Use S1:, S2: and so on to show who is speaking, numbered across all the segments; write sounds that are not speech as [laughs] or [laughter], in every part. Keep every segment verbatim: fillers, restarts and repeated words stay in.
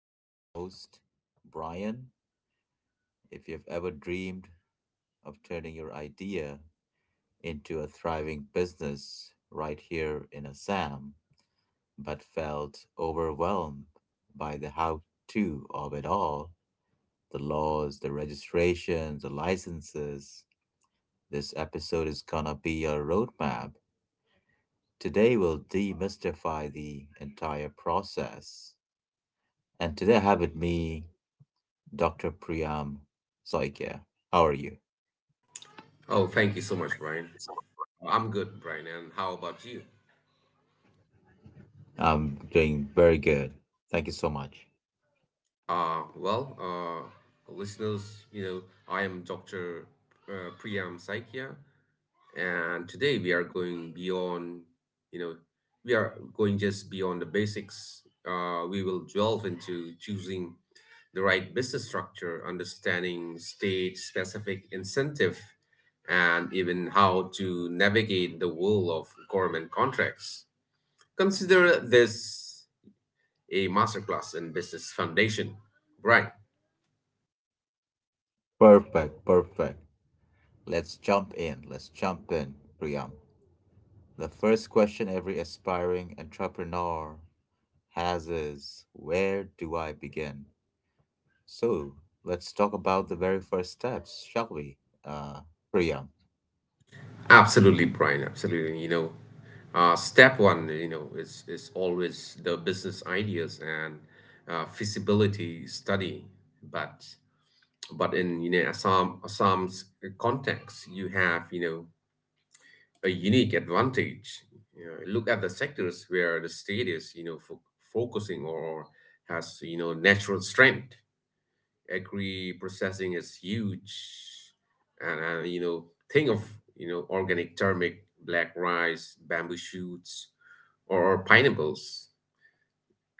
S1: I'm your host, Brian. If you've ever dreamed of turning your idea into a thriving business right here in Assam, but felt overwhelmed by the how to of it all, the laws, the registrations, the licenses, this episode is gonna be a roadmap. Today, we'll demystify the entire process. And today I have with me doctor Priyam Soikya. How are you?
S2: Oh, thank you so much, Brian. Uh, I'm good, Brian. And how about you?
S1: I'm doing very good. Thank you so much.
S2: Uh, well, uh, listeners, you know, I am Dr. Uh, Priyam Saikia, and today we are going beyond, you know, we are going just beyond the basics. Uh, we will delve into choosing the right business structure, understanding state specific incentive, and even how to navigate the world of government contracts. Consider this a masterclass in business foundation. Brian,
S1: Perfect, perfect. Let's jump in. Let's jump in, Priyam. The first question every aspiring entrepreneur has is: where do I begin? So let's talk about the very first steps, shall we, uh, Priyam?
S2: absolutely, Brian, absolutely. You know, uh, step one, you know, is is always the business ideas and uh, feasibility study. But but in you know Assam Assam's context, you have you know a unique advantage. You know, look at the sectors where the state is you know fo- focusing or has you know natural strength. Agri processing is huge, and, and you know think of you know organic turmeric, black rice, bamboo shoots, or pineapples.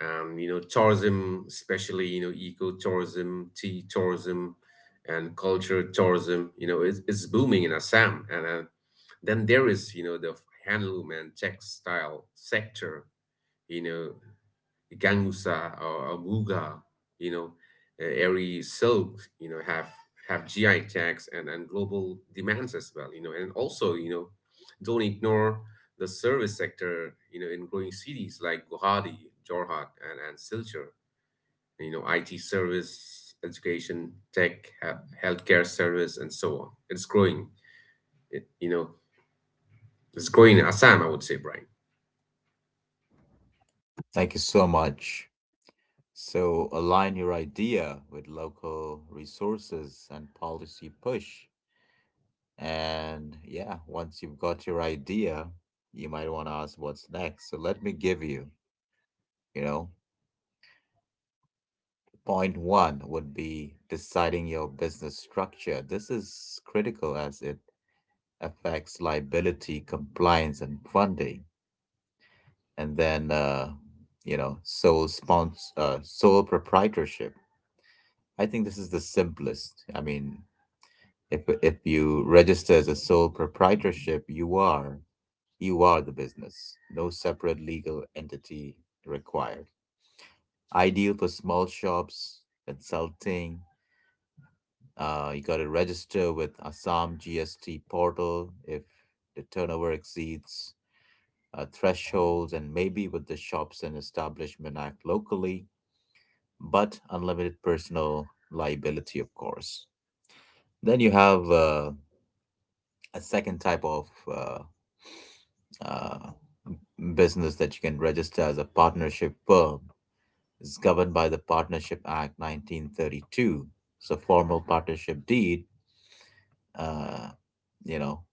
S2: um, you know tourism, especially you know eco tourism, tea tourism, and culture tourism, you know it's, it's booming in Assam, and uh, then there is you know the handloom and textile sector, you know Gangusa or Amuga, you know, uh, Airy Silk, you know, have have G I tags and, and global demands as well, you know, and also, you know, don't ignore the service sector, you know, in growing cities like Guwahati, Jorhat, and, and Silchar, you know, I T service, education, tech, he- healthcare service, and so on. It's growing, it, you know, it's growing in Assam, I would say, Brian.
S1: Thank you so much. So align your idea with local resources and policy push. And yeah, once you've got your idea, you might want to ask what's next. So let me give you, you know, point one would be deciding your business structure. This is critical as it affects liability, compliance, and funding. And then, uh, you know, sole spons uh, sole proprietorship. I think this is the simplest. I mean, If if you register as a sole proprietorship, you are you are the business. No separate legal entity required. Ideal for small shops, consulting. Uh, you got to register with Assam G S T portal if the turnover exceeds uh, thresholds, and maybe with the Shops and Establishment Act locally, but unlimited personal liability, of course. Then you have uh, a second type of uh, uh, business that you can register as a partnership firm, is governed by the Partnership Act nineteen thirty-two. So formal partnership deed, uh, you know,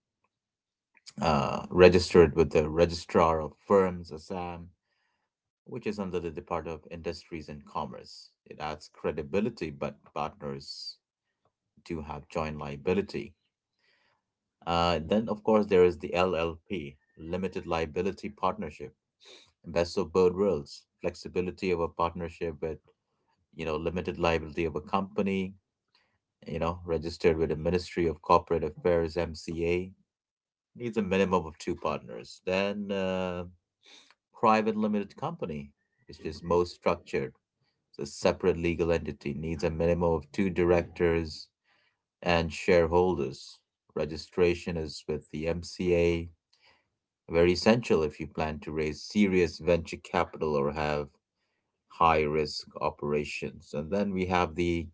S1: uh, registered with the Registrar of Firms, Assam, which is under the Department of Industries and Commerce. It adds credibility, but partners do have joint liability. Uh, then, of course, there is the L L P, Limited Liability Partnership. Best of both worlds, flexibility of a partnership with, you know, limited liability of a company, you know, registered with the Ministry of Corporate Affairs (M C A), needs a minimum of two partners. Then uh, private limited company, which is most structured. It's a separate legal entity, needs a minimum of two directors and shareholders. Registration is with the M C A, very essential if you plan to raise serious venture capital or have high risk operations. And then we have the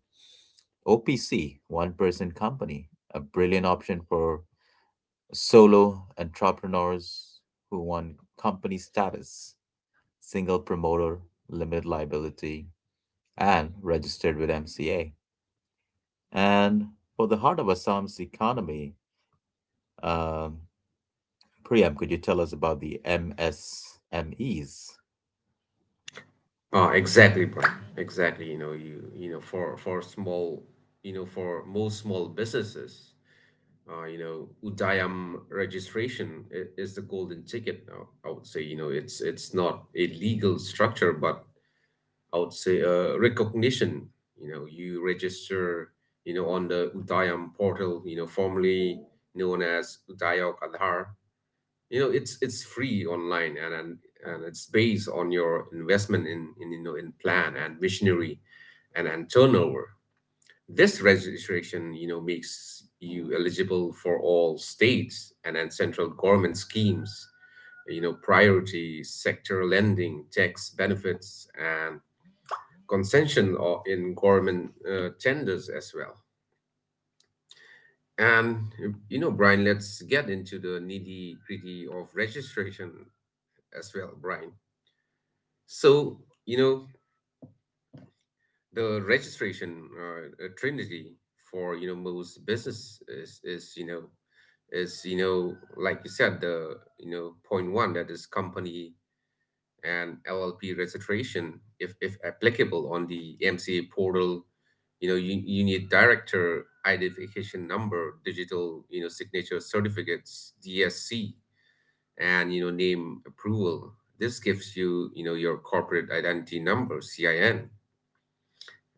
S1: O P C, one person company, a brilliant option for solo entrepreneurs who want company status, single promoter, limited liability, and registered with M C A. And for the heart of Assam's economy, um, Priyam, could you tell us about the M S M Es?
S2: Uh, exactly, Brian. Exactly. You know, you you know, for for small, you know, for most small businesses, uh, you know, Udayam registration i- is the golden ticket now. I would say, you know, it's it's not a legal structure, but I would say uh, recognition. You know, you register, you know, on the Udayam portal, you know, formerly known as Udayok Aadhaar. You know it's it's free online, and and, and it's based on your investment in, in you know in plan and visionary, and and turnover. This registration, you know makes you eligible for all states and and central government schemes, you know priority sector lending, tax benefits, and concession or in government uh, tenders as well. And you know Brian, let's get into the nitty gritty of registration as well, Brian. So, you know, the registration, uh, uh, trinity for, you know, most business is, is, you know, is, you know, like you said, the, you know, point one, that is company and L L P registration, if, if applicable, on the M C A portal. You know, you, you need director identification number, digital, you know, signature certificates, D S C, and, you know, name approval. This gives you, you know, your corporate identity number, C I N.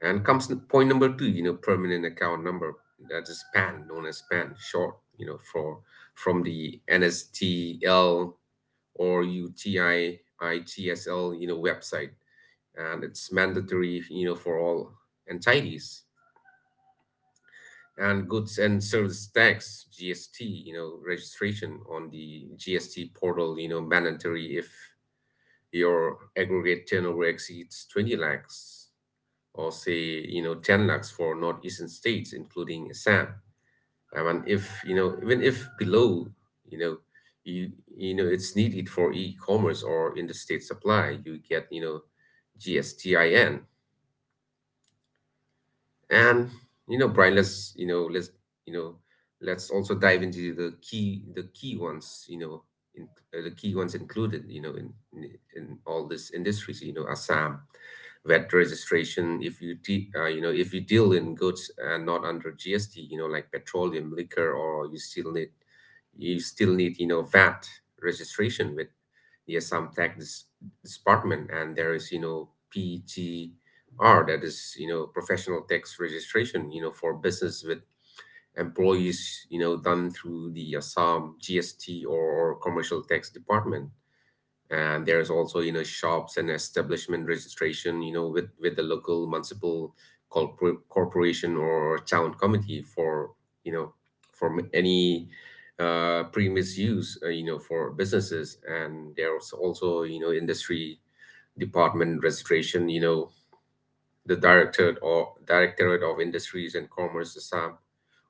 S2: And comes n- point number two, you know, permanent account number. That's P A N, known as P A N short, you know, for from the N S T L or UTIITSL, you know, website, and it's mandatory, you know, for all entities. And goods and service tax G S T, you know, registration on the G S T portal, you know, mandatory if your aggregate turnover exceeds twenty lakhs, or say, you know ten lakhs for northeastern states including Assam. I mean, if you know even if below, you know you you know it's needed for e-commerce or interstate supply, you get you know GSTIN. And you know, Brian, let's you know, let's you know, let's also dive into the key, the key ones. You know, in, uh, the key ones included. You know, in in, in all these industries. You know, Assam vet registration. If you de- uh, you know if you deal in goods uh, not under G S T, you know, like petroleum, liquor, or you still need you still need, you know V A T registration with the Assam tax Dis- department. And there is, you know P G. R that is, you know, professional tax registration, you know, for business with employees, you know, done through the uh, Assam G S T, or, or commercial tax department. And there's also, you know, shops and establishment registration, you know, with, with the local municipal corpor- corporation, or town committee for, you know, for m- any uh, premise use, uh, you know, for businesses. And there's also, you know, industry department registration, you know, the directorate, or directorate of industries and commerce Assam,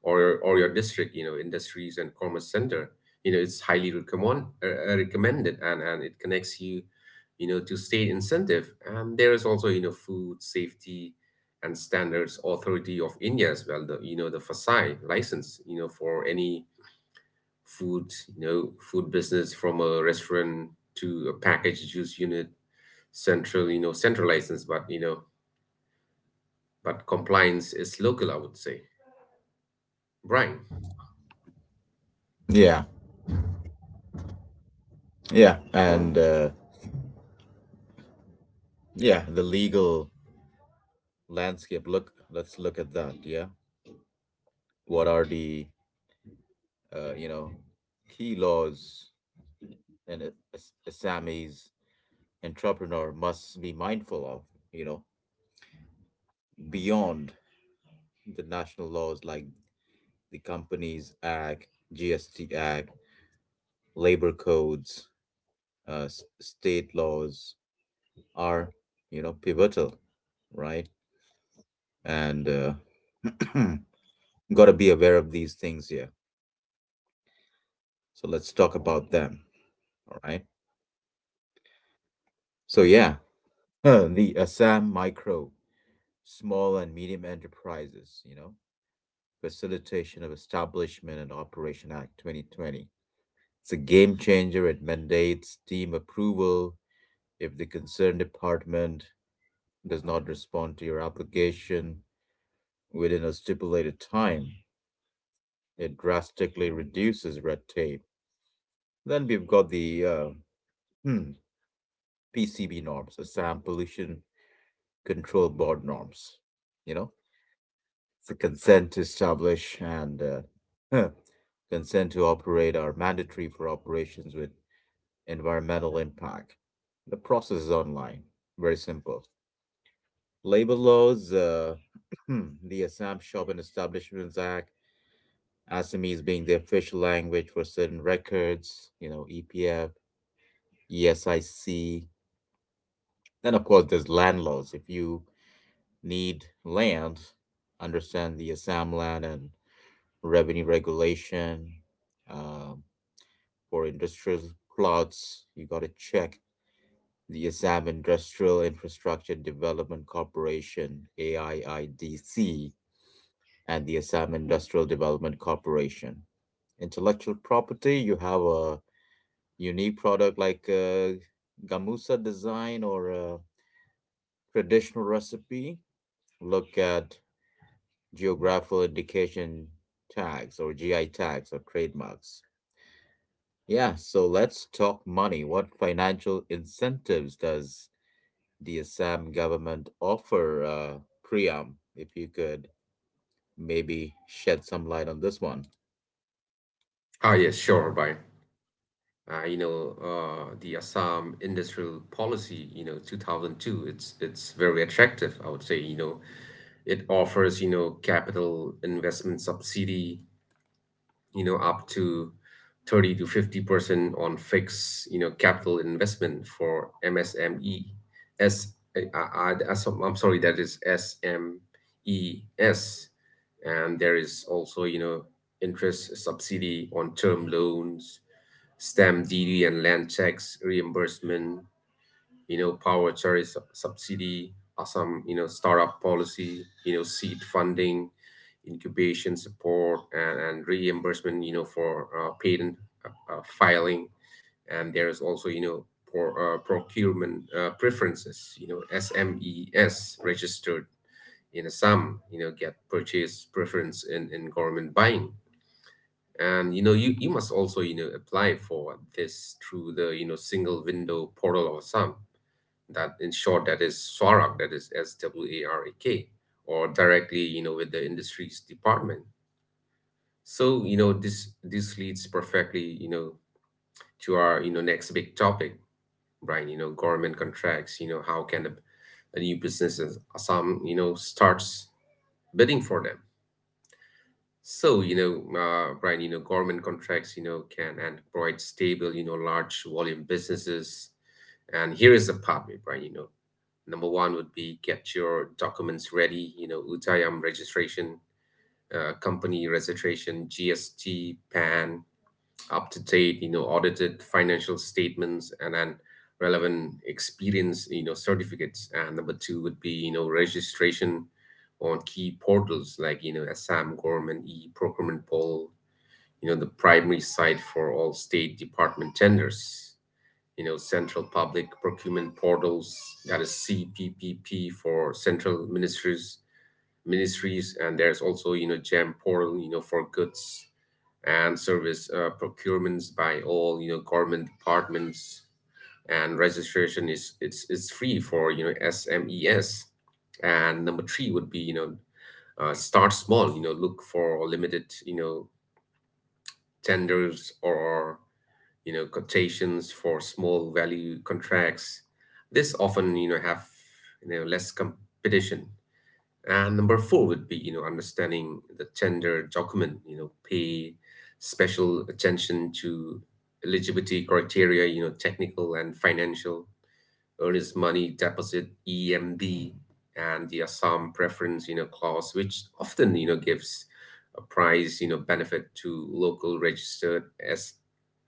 S2: or or your district, you know industries and commerce center. You know, it's highly recommend uh, uh, recommended, and and it connects you, you know to state incentive. And there is also, you know food safety and standards authority of India as well, the, you know the FASAI license, you know for any food, you know food business, from a restaurant to a packaged juice unit. Central, you know central license, but you know but compliance is local, I would say. Brian.
S1: Yeah, yeah, and uh, yeah, the legal landscape. Look, let's look at that. Yeah, what are the uh, you know key laws an a, a s- a Sammy's entrepreneur must be mindful of, you know beyond the national laws like the Companies Act, G S T Act, labor codes, uh, s- state laws are, you know pivotal, right? And uh, [clears throat] got to be aware of these things here. So let's talk about them. All right. So yeah, [clears throat] [laughs] the Assam Micro Small and Medium Enterprises, you know, Facilitation of Establishment and Operation Act twenty twenty. It's a game changer. It mandates team approval if the concerned department does not respond to your application within a stipulated time. It drastically reduces red tape. Then we've got the uh, hmm, P C B norms, the Sam Pollution Control Board norms. You know, the consent to establish and uh, huh, consent to operate are mandatory for operations with environmental impact. The process is online, very simple. Labor laws, uh, [clears throat] the Assam Shopping Establishments Act, Assamese being the official language for certain records, you know, E P F, E S I C. Then, of course, there's land laws. If you need land, understand the Assam Land and revenue regulation. Um, for industrial plots, you got to check the Assam Industrial Infrastructure Development Corporation, A I I D C, and the Assam Industrial Development Corporation. Intellectual property: you have a unique product like a gamusa design or a traditional recipe. Look at geographical indication tags, or G I tags, or trademarks. Yeah, so let's talk money. What financial incentives does the Assam government offer, uh, Priyam? If you could maybe shed some light on this one.
S2: Ah, yes, sure, Brian. Uh, you know, uh, the Assam Industrial Policy, you know, two thousand two, it's it's very attractive, I would say. You know, it offers, you know, capital investment subsidy, you know up to thirty to fifty percent on fixed, you know capital investment for M S M E, so- I'm sorry, that is S M E S. And there is also, you know interest subsidy on term loans, stamp duty and land tax reimbursement, you know, power charity sub- subsidy, or some, you know, startup policy, you know, seed funding, incubation support, and, and reimbursement, you know, for uh, patent uh, uh, filing. And there is also, you know, for, uh, procurement uh, preferences, you know, S M E S registered in a sum, you know, get purchase preference in, in government buying. And you know, you, you must also, you know, apply for this through the, you know, single window portal of SAM, that in short that is SWARAK, that is s w a r a k, or directly, you know with the industries department. So, you know this this leads perfectly, you know to our, you know next big topic, Brian. You know, government contracts, you know how can a, a new business as- some you know starts bidding for them? So, you know uh, Brian, you know government contracts, you know can and provide stable, you know large volume businesses. And here is the part, Brian. You know, number one would be get your documents ready, you know, U T I A M registration, uh, company registration, G S T, P A N, up to date, you know, audited financial statements, and then relevant experience, you know, certificates. And number two would be, you know, registration on key portals like, you know, Assam Government e-procurement poll, you know, the primary site for all state department tenders. You know, Central Public Procurement Portals, that is C P P P for central ministries, ministries, and there's also, you know, GEM portal, you know, for goods and service uh, procurements by all, you know, government departments, and registration is, it's it's free for, you know S M Es. And number three would be, you know uh, start small. You know, look for limited, you know tenders, or, you know, quotations for small value contracts. This often, you know, have, you know, less competition. And number four would be, you know, understanding the tender document, you know, pay special attention to eligibility criteria, you know, technical and financial earnest money deposit E M D, and the Assam preference, you know clause, which often, you know gives a price, you know benefit to local registered s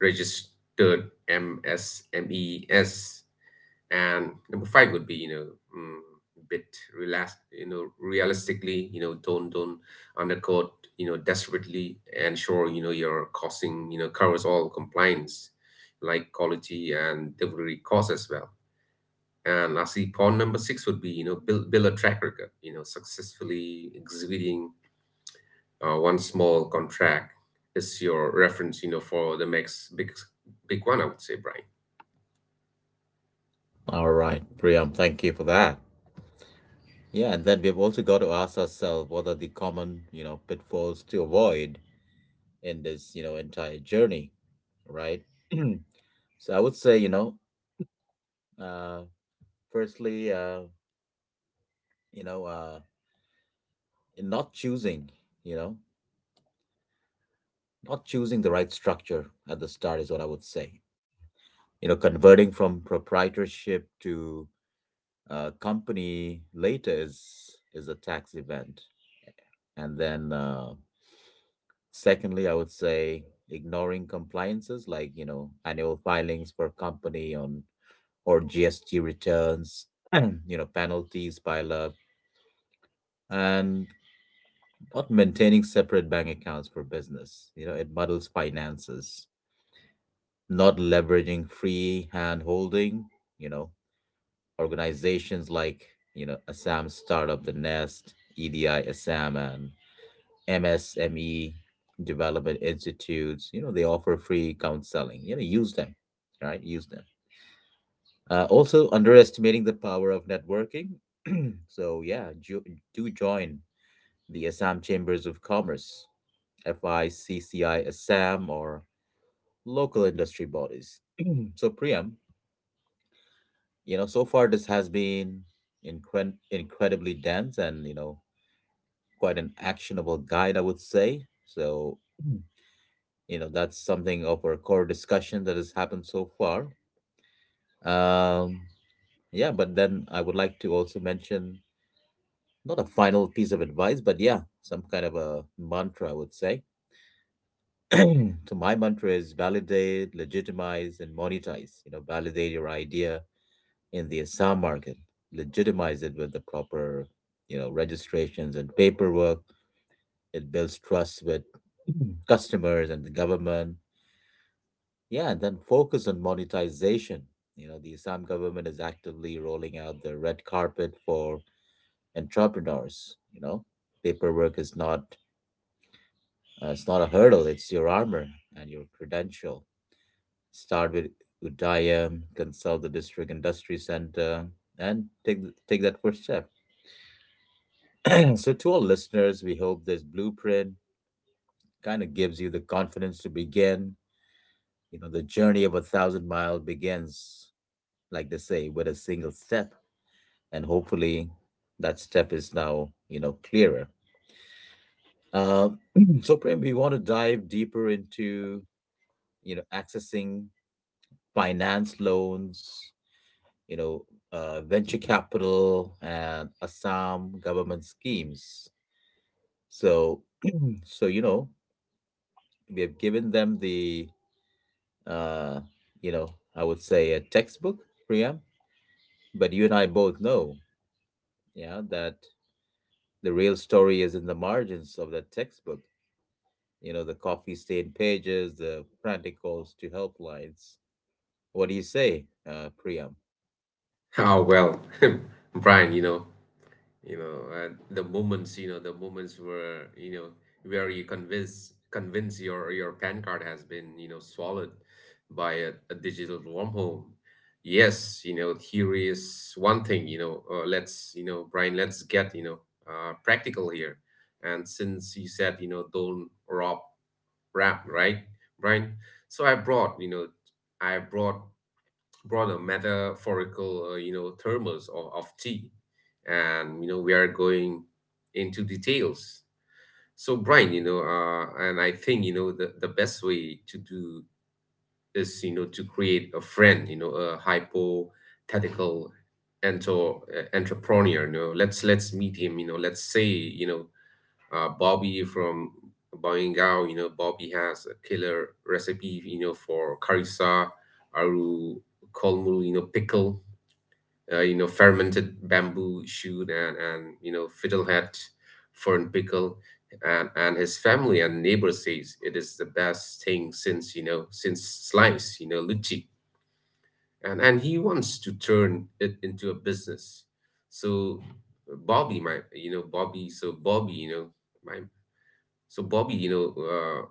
S2: registered M S M Es. And number five would be, you know mm, bit relax, you know realistically, you know don't don't undercut, you know desperately. Ensure, you know your costing, you know covers all compliance like quality and delivery costs as well. And I see pawn number six would be, you know, build, build a track record, you know, successfully exhibiting uh, one small contract is your reference, you know, for the next big, big one, I would say, Brian. [laughs]
S1: All right, Priyam, thank you for that. Yeah, and then we've also got to ask ourselves, what are the common, you know, pitfalls to avoid in this, you know, entire journey, right? [clears throat] So I would say, you know, uh, firstly, uh, you know, uh, in not choosing, you know, not choosing the right structure at the start is what I would say. You know, converting from proprietorship to uh, company later is is a tax event. And then, uh, secondly, I would say ignoring compliances, like, you know, annual filings for company on or G S T returns. [clears throat] You know, penalties pile up, and not maintaining separate bank accounts for business, you know, it muddles finances, not leveraging free hand holding, you know, organizations like, you know, Assam Startup, The Nest, E D I Assam, and M S M E Development Institutes. You know, they offer free counseling. You know, use them, right? Use them. Uh, also, underestimating the power of networking. [clears throat] So, yeah, jo- do join the Assam Chambers of Commerce, FICCI Assam, or local industry bodies. So, Priyam, you know, so far this has been incre- incredibly dense and, you know, quite an actionable guide, I would say. So, you know, that's something of our core discussion that has happened so far. Um, yeah, but then I would like to also mention, not a final piece of advice, but yeah, some kind of a mantra, I would say. [clears throat] So my mantra is: validate, legitimize, and monetize. You know, validate your idea in the Assam market, legitimize it with the proper, you know, registrations and paperwork. It builds trust with customers and the government. Yeah, and then focus on monetization. You know, the Assam government is actively rolling out the red carpet for entrepreneurs. You know, paperwork is not uh, it's not a hurdle; it's your armor and your credential. Start with Udayam, consult the district industry center, and take th- take that first step. [clears throat] And so, to all listeners, we hope this blueprint kind of gives you the confidence to begin. You know, the journey of a thousand miles begins, like they say, with a single step. And hopefully that step is now, you know, clearer. Uh, [clears throat] so, Prem, we want to dive deeper into, you know, accessing finance loans, you know, uh, venture capital, and Assam government schemes. So, so you know, we have given them the uh, you know, I would say, a textbook, Priya. But you and I both know, yeah, that the real story is in the margins of that textbook. You know, the coffee stained pages, the frantic calls to helplines. What do you say, uh, Priya?
S2: Oh, well, [laughs] Brian, you know, you know uh, the moments, you know the moments where you know where you convince convince your, your PAN card has been, you know swallowed by a, a digital wormhole. Yes, you know theory is one thing. you know uh, let's, you know Brian, let's get, you know uh, practical here. And since you said, you know don't rob rap, right, Brian? So I brought, you know i brought broader metaphorical, uh, you know, thermos or of tea, and you know we are going into details. So Brian, you know, uh, and I think, you know the, the best way to do is, you know to create a friend, you know, a hypothetical, ento- uh, entrepreneur. You know, let's let's meet him. You know, let's say, you know uh, Bobby from Boingao. You know, Bobby has a killer recipe. You know, for karissa, aru, kolmul, you know, pickle, uh, you know fermented bamboo shoot, and and you know fiddlehead fern pickle. And and his family and neighbors says it is the best thing since, you know since slice, you know lychee. And and he wants to turn it into a business. So bobby my you know bobby so bobby you know my so bobby you know uh,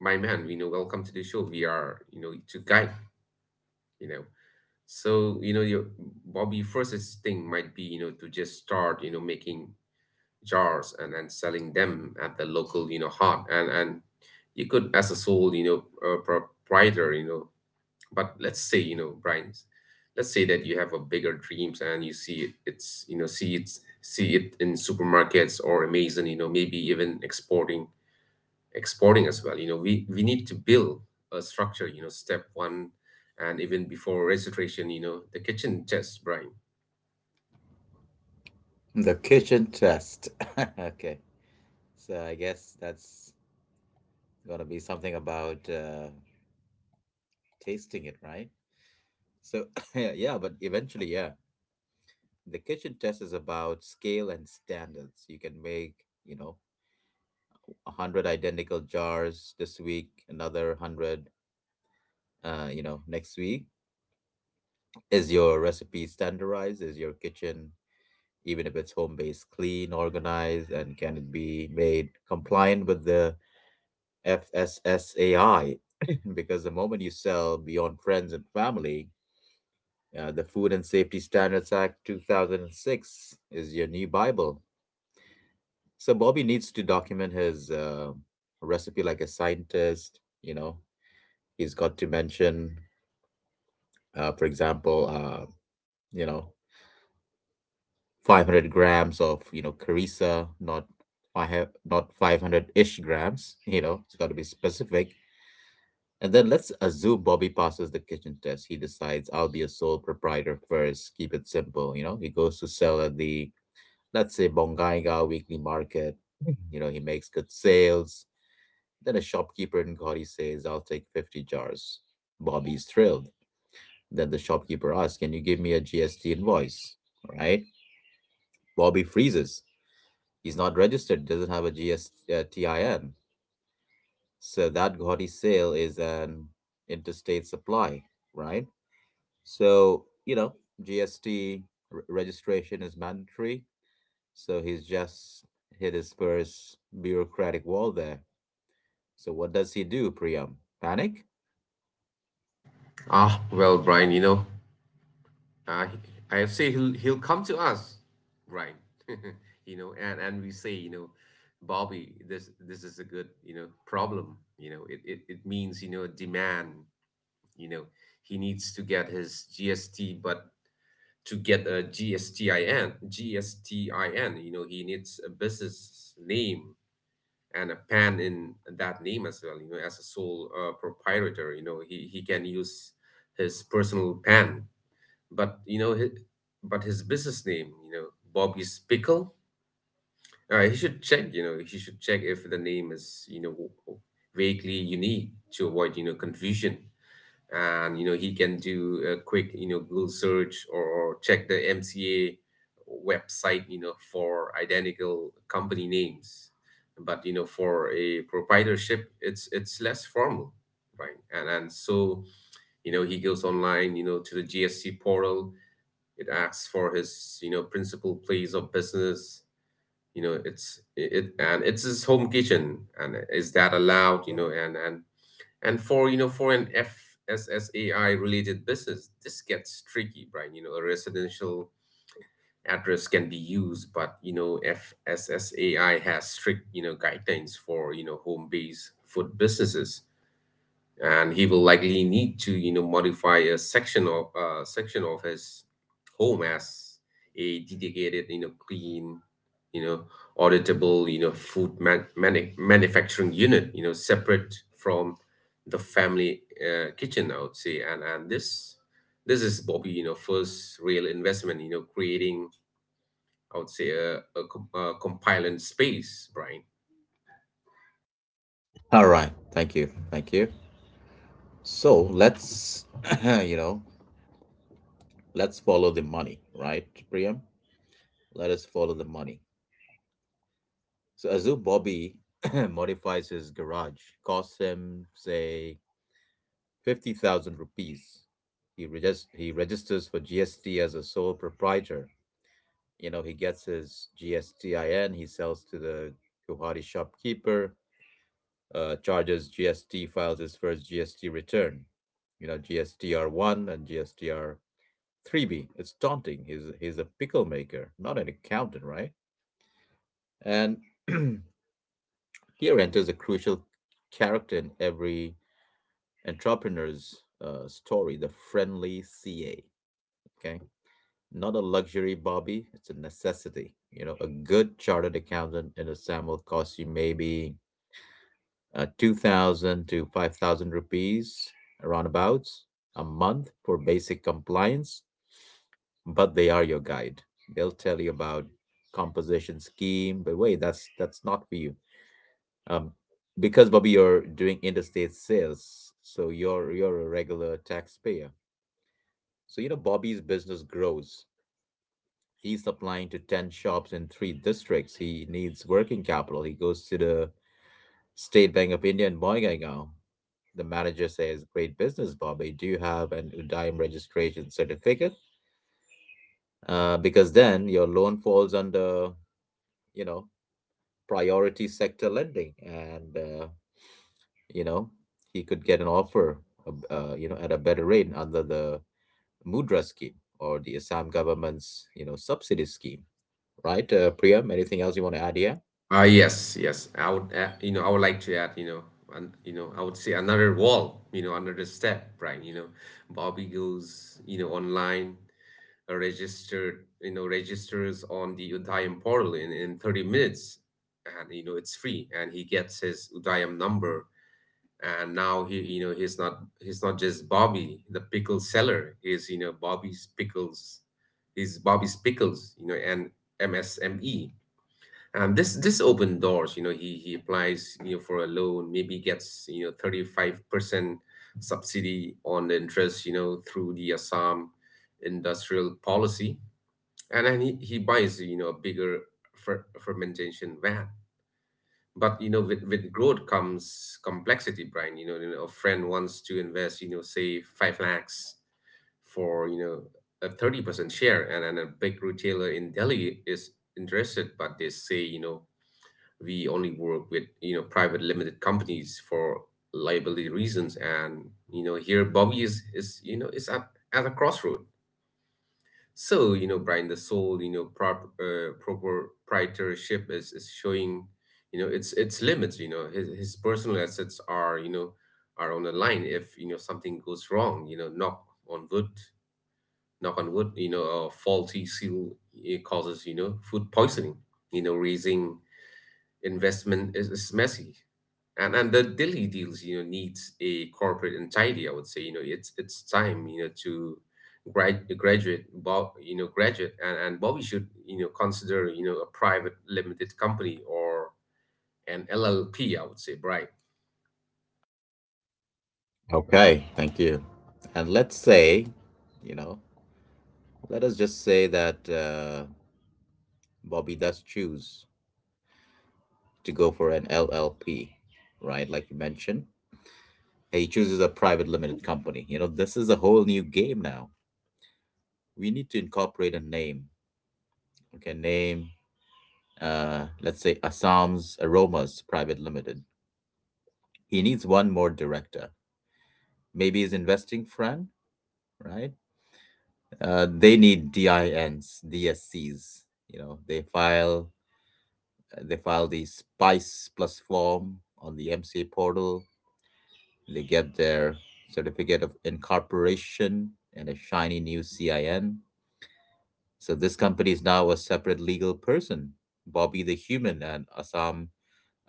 S2: my man, you know welcome to the show. We are, you know to guide. you know So, you know, your Bobby first thing might be, you know, to just start, you know, making jars and and selling them at the local, you know, hut, and and you could, as a sole, you know, uh, proprietor, you know, but let's say, you know, Brian, let's say that you have a bigger dreams, and you see it, it's, you know, see it see it in supermarkets or Amazon, you know, maybe even exporting exporting as well. You know, we we need to build a structure. You know, step one, and even before registration, you know, the kitchen test, Brian.
S1: The kitchen test. [laughs] Okay. So I guess that's going to be something about uh, tasting it, right? So, [laughs] yeah, but eventually, yeah. The kitchen test is about scale and standards. You can make, you know, a hundred identical jars this week, another hundred, uh, you know, next week. Is your recipe standardized? Is your kitchen, even if it's home based, clean, organized, and can it be made compliant with the F S S A I? [laughs] Because the moment you sell beyond friends and family, uh, the Food and Safety Standards Act two thousand six is your new Bible. So Bobby needs to document his uh, recipe like a scientist. You know, he's got to mention, uh, for example, uh, you know, five hundred grams of, you know, Carissa, not five, not five hundred-ish grams, you know, it's got to be specific. And then let's assume Bobby passes the kitchen test. He decides, I'll be a sole proprietor first, keep it simple, you know. He goes to sell at the, let's say, Bongaiga weekly market. You know, he makes good sales. Then a shopkeeper in Gaudi says, I'll take fifty jars. Bobby's thrilled. Then the shopkeeper asks, can you give me a G S T invoice? Right? Bobby freezes. He's not registered, doesn't have a G S, uh, so that Gaudi sale is an interstate supply, right? So, you know, G S T re- registration is mandatory. So he's just hit his first bureaucratic wall there. So what does he do, Priyam? Panic?
S2: Ah, well, Brian, you know, uh, I say he'll he'll come to us, Brian. [laughs] you know, and and we say, you know, Bobby, this this is a good, you know problem. You know, it it, it means, you know demand. You know, he needs to get his G S T, but to get a G S T I N, G S T I N, you know, he needs a business name and a pen in that name as well, you know, as a sole, uh, proprietor. You know, he, he can use his personal pen, but, you know, his, but his business name, you know, Bobby's Pickle. Uh, he should check, you know, he should check if the name is, you know, vaguely unique to avoid, you know, confusion, and, you know he can do a quick, you know Google search, or, or check the MCA website, you know for identical company names. But, you know for a proprietorship, it's it's less formal, right. And and so, you know he goes online, you know to the GSC portal. It asks for his, you know principal place of business. you know it's it and it's his home kitchen, and is that allowed? You know and and and for you know for an F S S A I related business, this gets tricky, Brian. You know, a residential address can be used, but, you know F S S A I has strict, you know guidelines for, you know home-based food businesses, and he will likely need to, you know modify a section of, uh, section of his home as a dedicated, you know clean, you know auditable, you know food man- manu- manufacturing unit, you know separate from the family, uh, kitchen, I would say. And and this this is Bobby, you know first real investment, you know creating, I would say, a, a, com- a compliant space, Brian.
S1: All right. Thank you. Thank you. So let's, [clears throat] you know, let's follow the money, right, Priyam? Let us follow the money. So Azu Bobby [clears throat] modifies his garage, costs him say fifty thousand rupees. He regis- he registers for G S T as a sole proprietor. You know, he gets his G S T I N. He sells to the Guwahati shopkeeper. Uh, charges G S T, files his first G S T return. You know, G S T R one and G S T R three B. It's daunting. He's he's a pickle maker, not an accountant, right? And [clears throat] here enters a crucial character in every entrepreneur's uh, story: the friendly C A. Okay. Not a luxury, Bobby, it's a necessity. You know, a good chartered accountant in a SAML costs you maybe uh, two thousand to five thousand rupees, roundabouts, a month for basic compliance, but they are your guide. They'll tell you about composition scheme, but wait, that's that's not for you. Um, because Bobby, you're doing interstate sales, so you're you're a regular taxpayer. So you know Bobby's business grows. He's supplying to ten shops in three districts. He needs working capital. He goes to the State Bank of India in Boingaigao. The manager says, "Great business, Bobby. Do you have an Udaim registration certificate?" Uh, because then your loan falls under, you know, priority sector lending. And uh, you know, he could get an offer, uh, uh, you know, at a better rate under the Mudra scheme or the Assam government's, you know, subsidy scheme, right? Uh, Priyam, anything else you want to add here?
S2: Ah, yes, yes. I would, uh, you know, I would like to add, you know, and you know, I would say another wall, you know, another step, right? You know, Bobby goes, you know, online, uh, registered, you know, registers on the Udayam portal, in, in thirty minutes, and, you know, it's free, and he gets his Udayam number. And now he, you know, he's not, he's not just Bobby, the pickle seller. He's, you know, Bobby's pickles, he's Bobby's pickles, you know, and M S M E. um, this this open doors, you know, he he applies, you know, for a loan, maybe gets, you know, thirty-five percent subsidy on the interest, you know, through the Assam industrial policy. And then he, he buys, you know, a bigger fer- fermentation van. But, you know, with, with growth comes complexity, Brian. You know, you know, a friend wants to invest, you know, say five lakhs for, you know, a thirty percent share. And then a big retailer in Delhi is interested, but they say, you know, we only work with, you know private limited companies for liability reasons. And, you know here Bobby is is you know is at at a crossroad. So, you know Brian, the sole, you know prop, uh, proprietorship is is showing, you know its its limits. You know his, his personal assets are, you know are on the line, if, you know something goes wrong. You know knock on wood knock on wood. You know a faulty seal, it causes, you know food poisoning. You know raising investment is, is messy. And and the Delhi deals, you know, needs a corporate entirety, I would say. You know, it's it's time, you know, to grad, graduate Bob, you know, graduate, and, and Bobby should, you know, consider, you know, a private limited company or an L L P, I would say, Brian.
S1: Okay, thank you. And let's say, you know, let us just say that. Uh, Bobby does choose to go for an L L P, right? Like you mentioned, he chooses a private limited company. You know, this is a whole new game now. We need to incorporate a name. Okay, name, uh, let's say Assam's Aromas Private Limited. He needs one more director. Maybe his investing friend, right? Uh, they need D I Ns, D S Cs. You know, they file uh, they file the SPICE plus form on the M C A portal. They get their certificate of incorporation and a shiny new C I N. So this company is now a separate legal person. Bobby the Human and Assam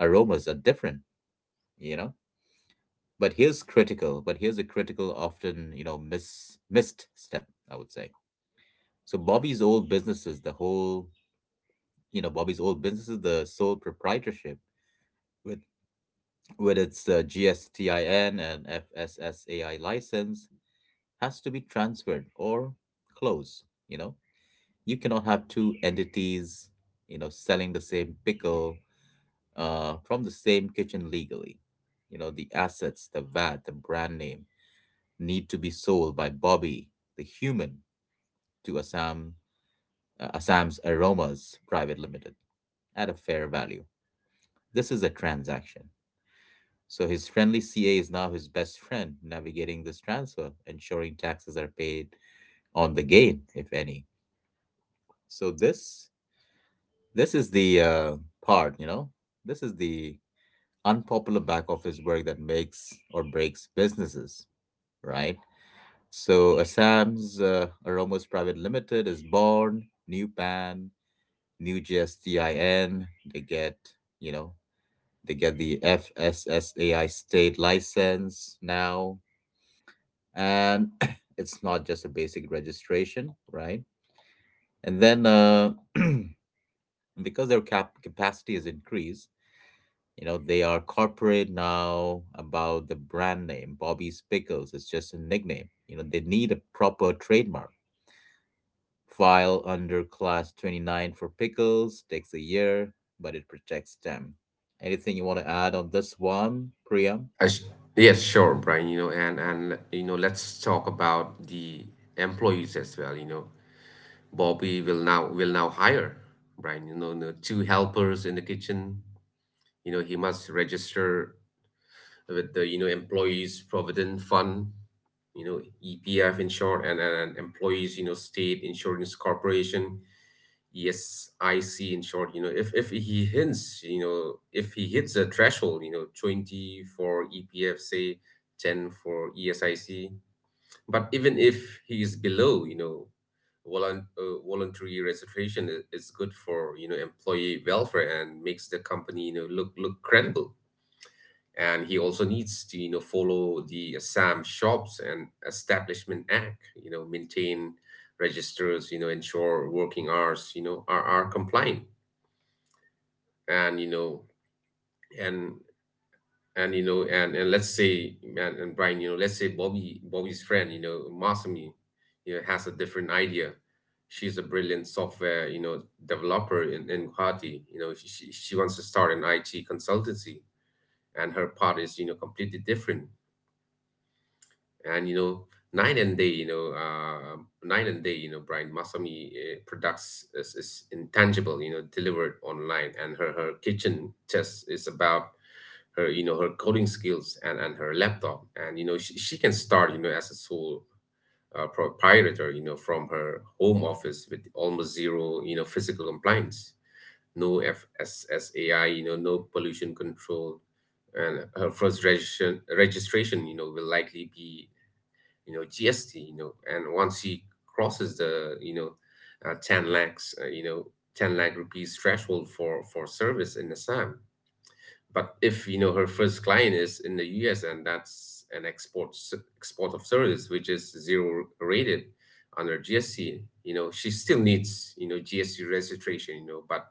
S1: Aromas are different, you know? But here's critical, but here's a critical, often, you know, miss, missed step, I would say. So Bobby's old businesses, the whole, you know, Bobby's old businesses, the sole proprietorship with with its uh, G S T I N and F S S A I license, has to be transferred or closed. You know, you cannot have two entities, you know, selling the same pickle uh, from the same kitchen legally. You know, the assets, the VAT, the brand name need to be sold by Bobby, the human, to Assam, uh, Assam's Aromas Private Limited at a fair value. This is a transaction. So his friendly C A is now his best friend navigating this transfer, ensuring taxes are paid on the gain, if any. So this This is the uh, part, you know, this is the unpopular back office work that makes or breaks businesses, right? So Assam's uh, Aromos Private Limited is born, new PAN, new G S T I N. They get, you know, they get the F S S A I state license now. And [coughs] [clears throat] it's not just a basic registration, right? And then uh, [clears throat] because their cap- capacity is increased, you know, they are corporate now. About the brand name: Bobby's Pickles is just a nickname. You know, they need a proper trademark. File under class twenty-nine for pickles takes a year, but it protects them. Anything you want to add on this one, Priya?
S2: I sh- yes, sure, Brian. You know, and and you know, let's talk about the employees as well. You know, Bobby will now will now hire, Brian. You know, you know, two helpers in the kitchen. You know he must register with the, you know employees provident fund, you know EPF in short, and, and, employees, you know state insurance corporation, ESIC in short. You know if, if he hints you know If he hits a threshold, you know twenty for EPF, say ten for ESIC, but even if he is below, you know volun- uh, voluntary registration i- is good for, you know employee welfare, and makes the company, you know look look credible. And he also needs to, you know follow the SAM Shops and Establishment Act. You know, maintain registers. You know, ensure working hours, You know, are are compliant. And you know, and and you know, and and let's say, and, and Brian, you know, let's say Bobby Bobby's friend, you know, Masami, you know, has a different idea. She's a brilliant software, you know, developer in, in Guwahati. You know, she, she she wants to start an I T consultancy, and her part is, you know, completely different, and, you know night and day you know uh, night and day, you know Brian. Masami uh, products is, is intangible, you know delivered online, and her her kitchen test is about her, you know her coding skills and and her laptop. And, you know she, she can start, you know as a sole, uh, proprietor, you know from her home office with almost zero, you know physical compliance. No FSSAI, you know no pollution control. And her first registration registration, you know will likely be, you know G S T. you know and once she crosses the, you know uh, 10 lakhs, uh, you know 10 lakh rupees threshold for for service in Assam. But if, you know her first client is in the U S, and that's an export s- export of service, which is zero rated under G S T. You know she still needs, you know G S T registration, you know but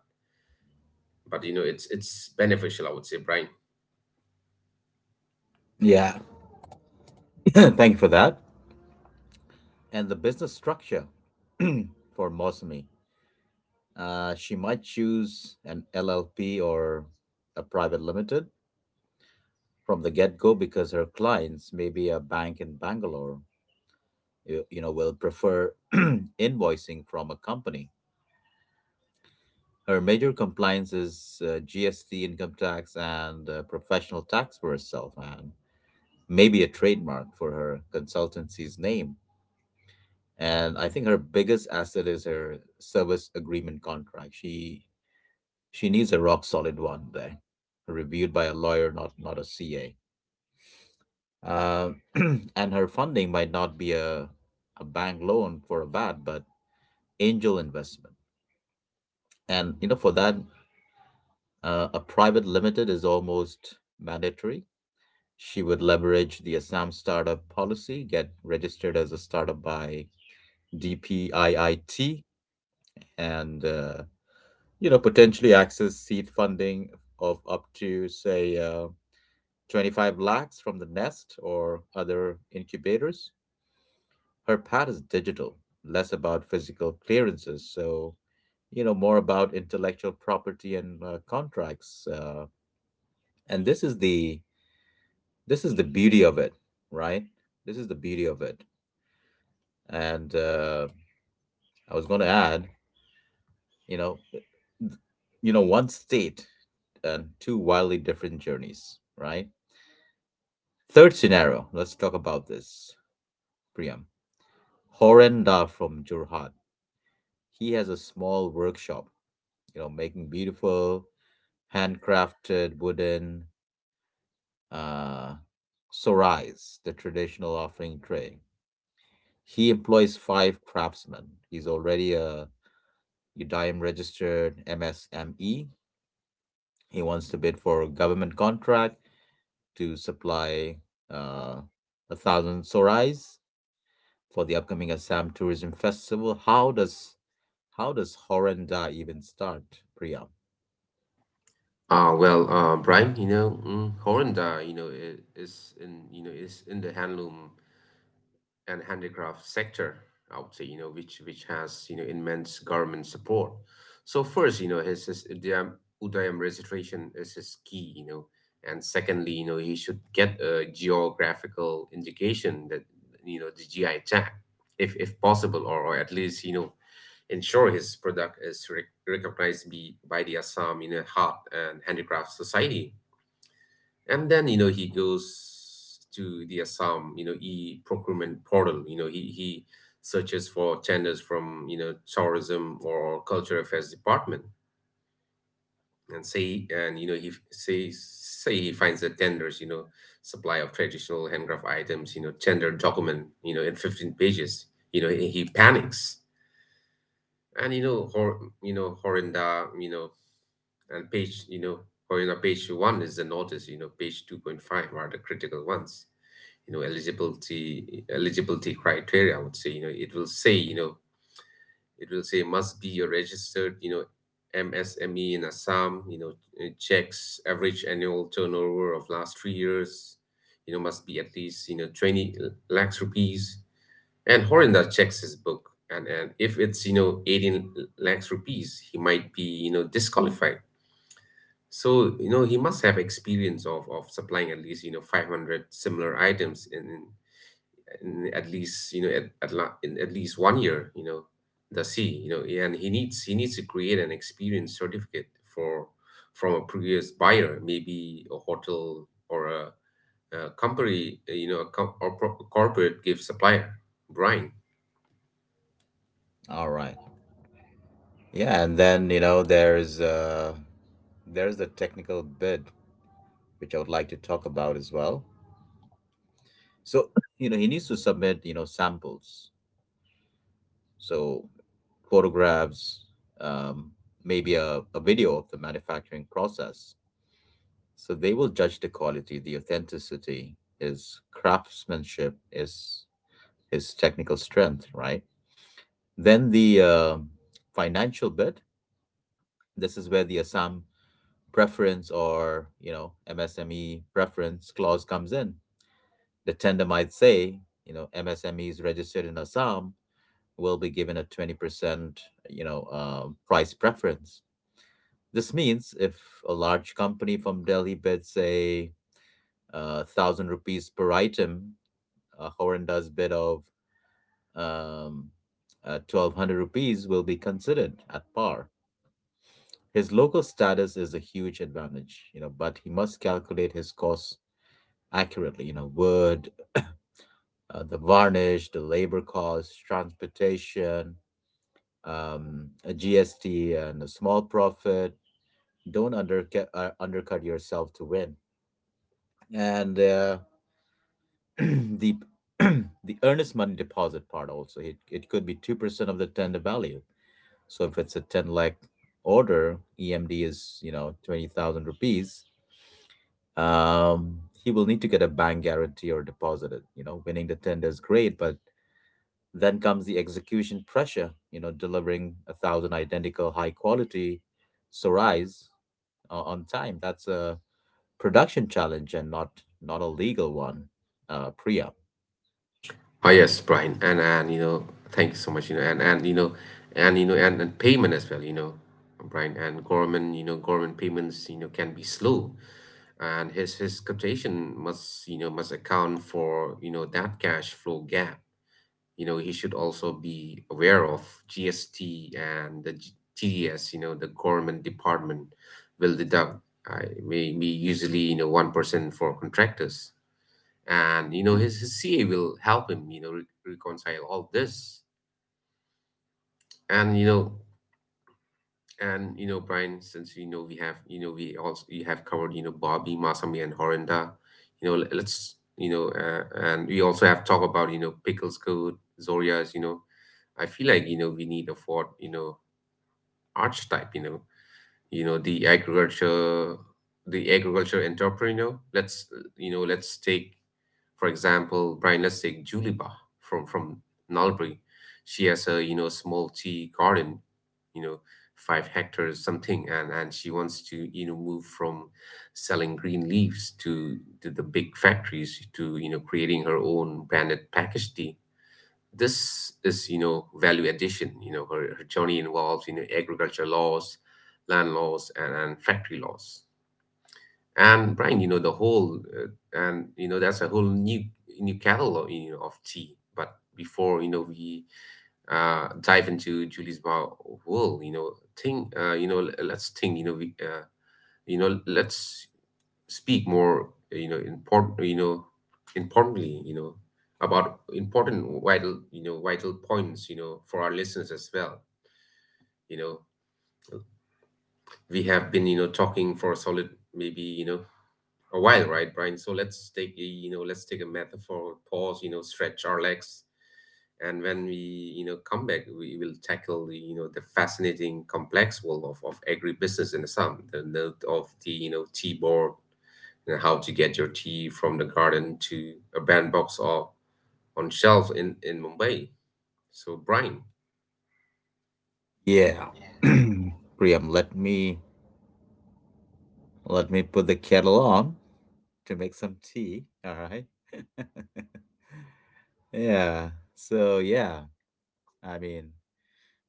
S2: but you know it's it's beneficial, I would say, Brian.
S1: Yeah. [laughs] Thank you for that. And the business structure for Mosmi. Uh, she might choose an L L P or a private limited from the get go because her clients, maybe a bank in Bangalore, you, you know, will prefer [clears throat] invoicing from a company. Her major compliance is uh, G S T, income tax, and uh, professional tax for herself, and maybe a trademark for her consultancy's name. And I think her biggest asset is her service agreement contract. She She needs a rock solid one, there, reviewed by a lawyer, not not a C A. Uh, [clears throat] and her funding might not be a a bank loan for a VAT, but angel investment. And you know, for that, uh, a private limited is almost mandatory. She would leverage the Assam startup policy, get registered as a startup by D P I I T, and uh, you know, potentially access seed funding of up to say um, 25 lakhs from the Nest or other incubators. Her pad is digital, less about physical clearances, so you know more about intellectual property and uh, contracts. Uh, and this is the this is the beauty of it, right? This is the beauty of it. And uh, I was going to add, you know, th- you know, one state and two wildly different journeys, right? Third scenario. Let's talk about this, Priyam. Horenda from Jorhat. He has a small workshop, you know, making beautiful handcrafted wooden uh, sorais, the traditional offering tray. He employs five craftsmen. He's already a UDIM registered M S M E. He wants to bid for a government contract to supply uh, a thousand sorais for the upcoming Assam Tourism Festival. How does how does Horanda even start, Priya?
S2: uh, well, uh, Brian, you know, mm, Horinda, you know, i- is in, you know, is in the handloom and handicraft sector, I would say, you know, which which has you know immense government support. So first, you know, his his Udayam, Udayam registration is his key, you know, and secondly, you know, he should get a geographical indication, that you know the G I tag, if if possible, or, or at least, you know ensure his product is rec- recognized be, by the Assam, you know, Heart and Handicraft Society. And then, you know he goes to the Assam, you know e-procurement portal. You know he he searches for tenders from, you know tourism or culture affairs department. And say and you know he f- say say he finds the tenders, you know supply of traditional handcraft items, you know tender document, you know in fifteen pages. You know he, he panics. And you know hor you know horinda you know and page you know Horinda, page one is the notice, you know page two point five are the critical ones. You know eligibility eligibility criteria, I would say. You know it will say you know it will say must be a registered, you know MSME in Assam. You know it checks average annual turnover of last three years. You know must be at least, you know twenty lakhs rupees. And Horinda checks his book, and and if it's, you know eighteen lakhs rupees, he might be, you know disqualified. So, you know he must have experience of of supplying at least, you know five hundred similar items in in at least, you know at at, la- in at least one year. You know does he you know and he needs, he needs to create an experience certificate for from a previous buyer, maybe a hotel or a, a company, uh, you know a com- or pro- corporate gift supplier, Brian.
S1: All right. Yeah, and then you know there's uh there's the technical bid which I would like to talk about as well. So, you know, he needs to submit, you know, samples. So photographs, um, maybe a, a video of the manufacturing process. So they will judge the quality, the authenticity, his craftsmanship, his his technical strength, right? Then the uh, financial bit. This is where the Assam preference or you know M S M E preference clause comes in. The tender might say, you know, M S M Es registered in Assam will be given a twenty percent, you know, uh, price preference. This means if a large company from Delhi bids say uh, thousand rupees per item, a Horan bid of um, uh, twelve hundred rupees will be considered at par. His local status is a huge advantage, you know, but he must calculate his costs accurately, you know, wood, uh, the varnish, the labor costs, transportation, um, a G S T, and a small profit. Don't undercut, uh, undercut yourself to win. And uh, [clears throat] the [clears throat] the earnest money deposit part also, it, it could be two percent of the tender value. So if it's a ten lakh order, EMD is you know twenty thousand rupees. Um, he will need to get a bank guarantee or deposit it. You know, winning the tender is great, but then comes the execution pressure. You know, delivering a thousand identical high quality sarais uh, on time. That's a production challenge and not not a legal one. Uh, Priya.
S2: Oh yes, Brian, and and you know, thank you so much. You know, and and you know, and you know, and, and payment as well. You know, Brian, and government. You know, government payments, You know, can be slow, and his his quotation must, you know must account for, you know that cash flow gap. You know, he should also be aware of G S T, and the G- T D S. You know, the government department will deduct. I may be usually you know one percent for contractors and you know his, his C A will help him you know re- reconcile all this and you know and you know Brian, since you know we have, you know we also you have covered, you know Bobby, Masami and Horinda, you know le- let's you know uh, and we also have talked about, you know pickles code zorias. you know I feel like, you know we need a fourth, you know archetype. You know you know the agriculture, the agriculture entrepreneur. Let's uh, you know let's take, for example, Brian, let's take Juliba from from Nalbury. She has a, you know small tea garden, you know five hectares something, and and she wants to, you know move from selling green leaves to to the big factories, to you know creating her own branded package tea. This is, you know value addition. You know her, her journey involves, you know agriculture laws, land laws and, and factory laws. And Brian, you know the whole uh, and you know that's a whole new, new catalog, you know of tea. But before, you know we uh dive into Julie's Bar world, you know think uh you know l- let's think, you know we uh you know let's speak more, uh, you know important you know importantly, you know about important vital, you know vital points, you know for our listeners as well. you know we have been, you know talking for a solid maybe, you know a while, right, Brian? So let's take a, you know let's take a metaphor pause, you know stretch our legs, and when we, you know come back, we will tackle the, you know the fascinating complex world of, of agribusiness in the sum the note of the, you know t board. You know, how to get your tea from the garden to a bandbox or on shelf in, in Mumbai. So, Brian.
S1: Yeah. [clears throat] Priam, let me let me put the kettle on to make some tea. All right. [laughs] Yeah. So yeah, I mean,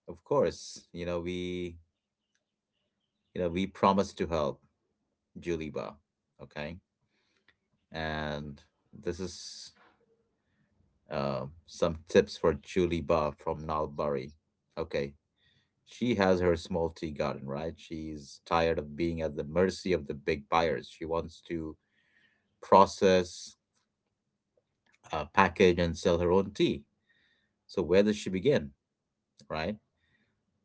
S1: of course, you know, we you know, we promised to help Juliba, okay? And this is uh, some tips for Juliba from Nalbari. Okay. She has her small tea garden, right? She's tired of being at the mercy of the big buyers. She wants to process, uh, package, and sell her own tea. So where does she begin, right?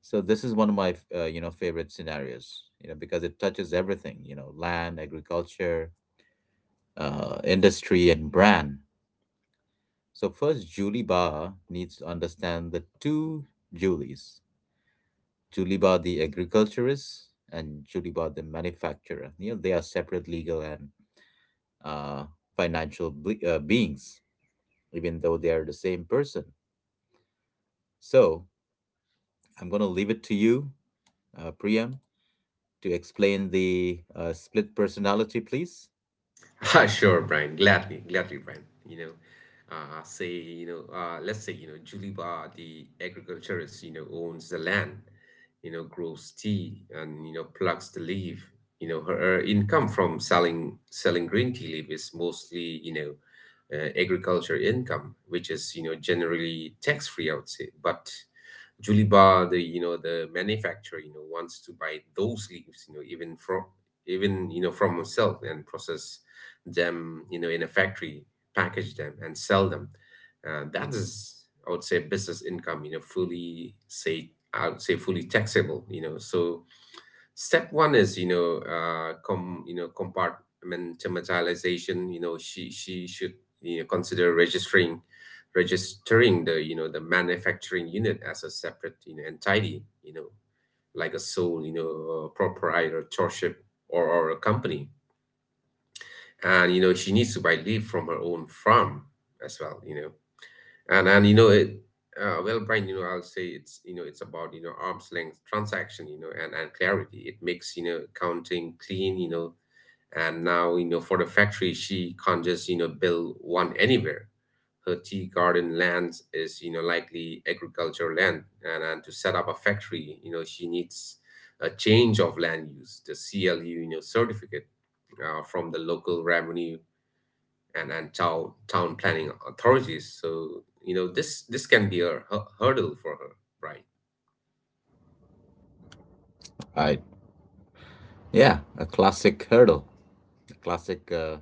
S1: So this is one of my uh, you know favorite scenarios, you know, because it touches everything, you know, land, agriculture, uh, industry, and brand. So first, Julie Barr needs to understand the two Julies, Julie Barr the agriculturist and Julie Barr the manufacturer. You know, they are separate legal and uh, financial ble- uh, beings, even though they are the same person. So I'm gonna leave it to you, uh, Priyam, to explain the uh, split personality, please?
S2: [laughs] Ah, sure, Brian. Gladly, gladly, Brian. You know, uh, say, you know, uh, let's say, you know, Julie Barr, the agriculturist, you know, owns the land, you know, grows tea and, you know, plucks the leaf. You know, her, her income from selling selling green tea leaf is mostly, you know, uh, agriculture income, which is, you know, generally tax free, I would say. But Juliba, the you know the manufacturer, you know wants to buy those leaves, you know even from even you know from himself and process them, you know in a factory, package them and sell them. Uh, that is, I would say, business income, you know, fully say I would say fully taxable, you know. So step one is, you know uh com you know compartmentalization. You know she she should, you know consider registering registering the, you know the manufacturing unit as a separate, you know entity, you know like a sole, you know uh, proprietorship or, or a company, and you know she needs to buy leave from her own farm as well. You know and and you know it uh, Well, Brian, you know I'll say it's, you know it's about, you know arm's length transaction, you know and and clarity. It makes, you know accounting clean, you know and now, you know for the factory, she can't just, you know build one anywhere. Her tea garden land is, you know likely agricultural land, and, and to set up a factory, you know she needs a change of land use, the clu you know certificate, uh, from the local revenue and and town town planning authorities. So, you know this this can be a hu- hurdle for her, right?
S1: Right. Yeah, a classic hurdle, a classic uh,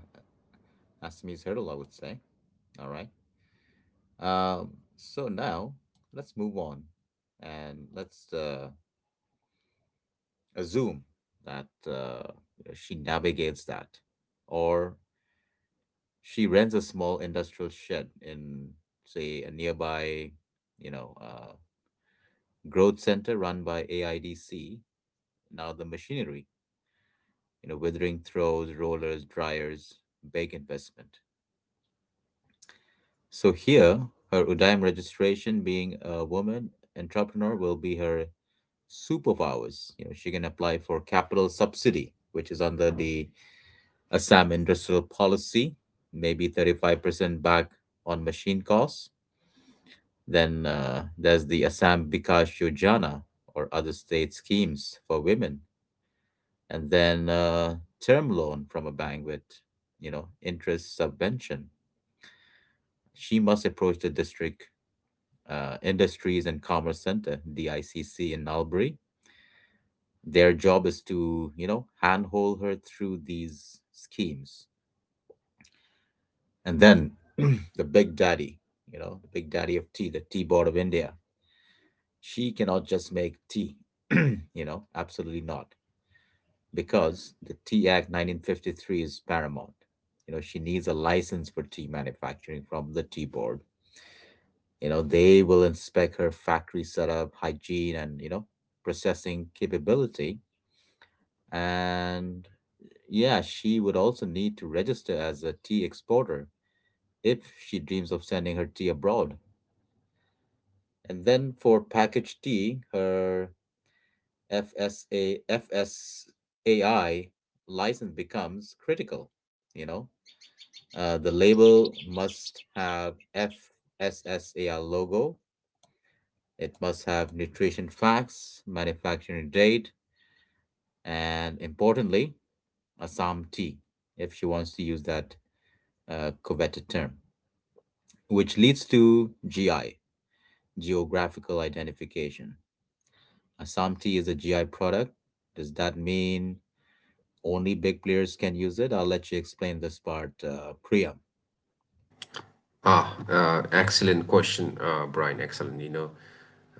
S1: Assamese hurdle, I would say. All right. Um, so now let's move on and let's uh, assume that uh, she navigates that, or she rents a small industrial shed in, say, a nearby, you know, uh, growth center run by A I D C. Now the machinery, you know, withering throws, rollers, dryers, big investment. So here, her Udaim registration being a woman entrepreneur will be her superpowers. You know, she can apply for capital subsidy, which is under the Assam Industrial Policy, maybe thirty-five percent back on machine costs. Then uh, there's the Assam Bikash Yojana or other state schemes for women. And then uh, term loan from a bank with, you know, interest subvention. She must approach the District uh, Industries and Commerce Center, D I C C, in Albury. Their job is to, you know, handhold her through these schemes. And then [clears throat] the big daddy, you know, the big daddy of tea, the Tea Board of India. She cannot just make tea, [clears throat] you know, absolutely not, because the Tea Act nineteen fifty-three is paramount. You know, she needs a license for tea manufacturing from the Tea Board. You know, they will inspect her factory setup, hygiene, and, you know, processing capability. And yeah, she would also need to register as a tea exporter if she dreams of sending her tea abroad. And then for packaged tea, her F S A F S A I license becomes critical. You know, uh, the label must have F S S A I logo. It must have nutrition facts, manufacturing date, and importantly, Assam tea, if she wants to use that uh, coveted term, which leads to G I, geographical identification. Assam tea is a G I product. Does that mean only big players can use it? I'll let you explain this part, uh, Priya.
S2: Ah, uh, excellent question, uh, Brian. Excellent. You know,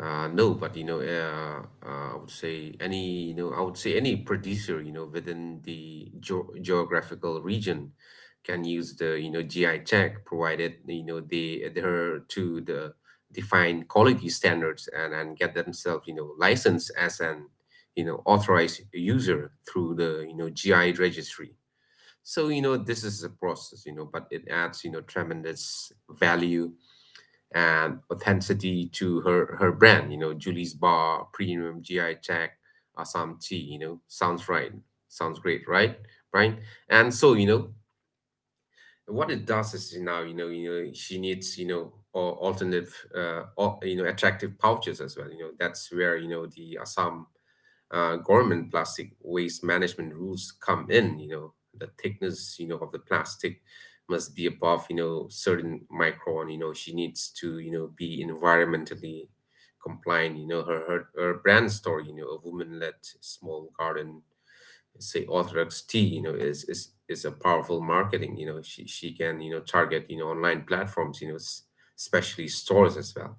S2: Uh, no, but you know, uh, uh, I would say any, you know, I would say any producer, you know, within the geo geographical region, can use the, you know, G I check, provided, you know, they adhere to the defined quality standards, and, and get themselves, you know, licensed as an, you know, authorized user through the, you know, G I registry. So, you know, this is a process, you know, but it adds, you know, tremendous value and authenticity to her her brand. You know, Julie's Bar, Premium, G I Tech, Assam Tea. You know, sounds right. Sounds great, right, Brian? And so, you know what it does is now, you know you know she needs, you know or alternative uh, or, you know attractive pouches as well. You know that's where, you know the Assam uh, government plastic waste management rules come in, you know, the thickness, you know, of the plastic must be above, you know, certain micron, you know, she needs to, you know, be environmentally compliant, you know, her, her, her brand store, you know, a woman-led small garden, say Orthodox tea, you know, is, is, is a powerful marketing, you know, she, she can, you know, target, you know, online platforms, you know, s- especially stores as well.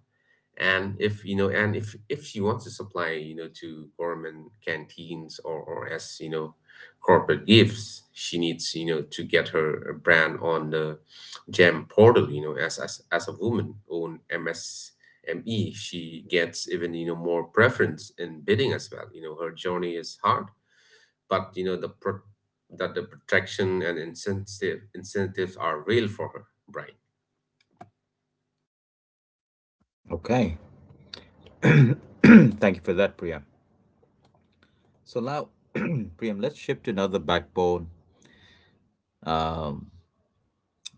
S2: And if you know and if if she wants to supply, you know to government canteens, or or as you know corporate gifts, she needs, you know to get her brand on the GeM portal. You know as as, as a woman owned M S M E, she gets even, you know more preference in bidding as well. You know her journey is hard, but, you know the pro- that the protection and incentive incentives are real for her, right?
S1: Okay. [clears throat] Thank you for that, Priya. So now, [clears throat] Priyam, let's shift to another backbone, um,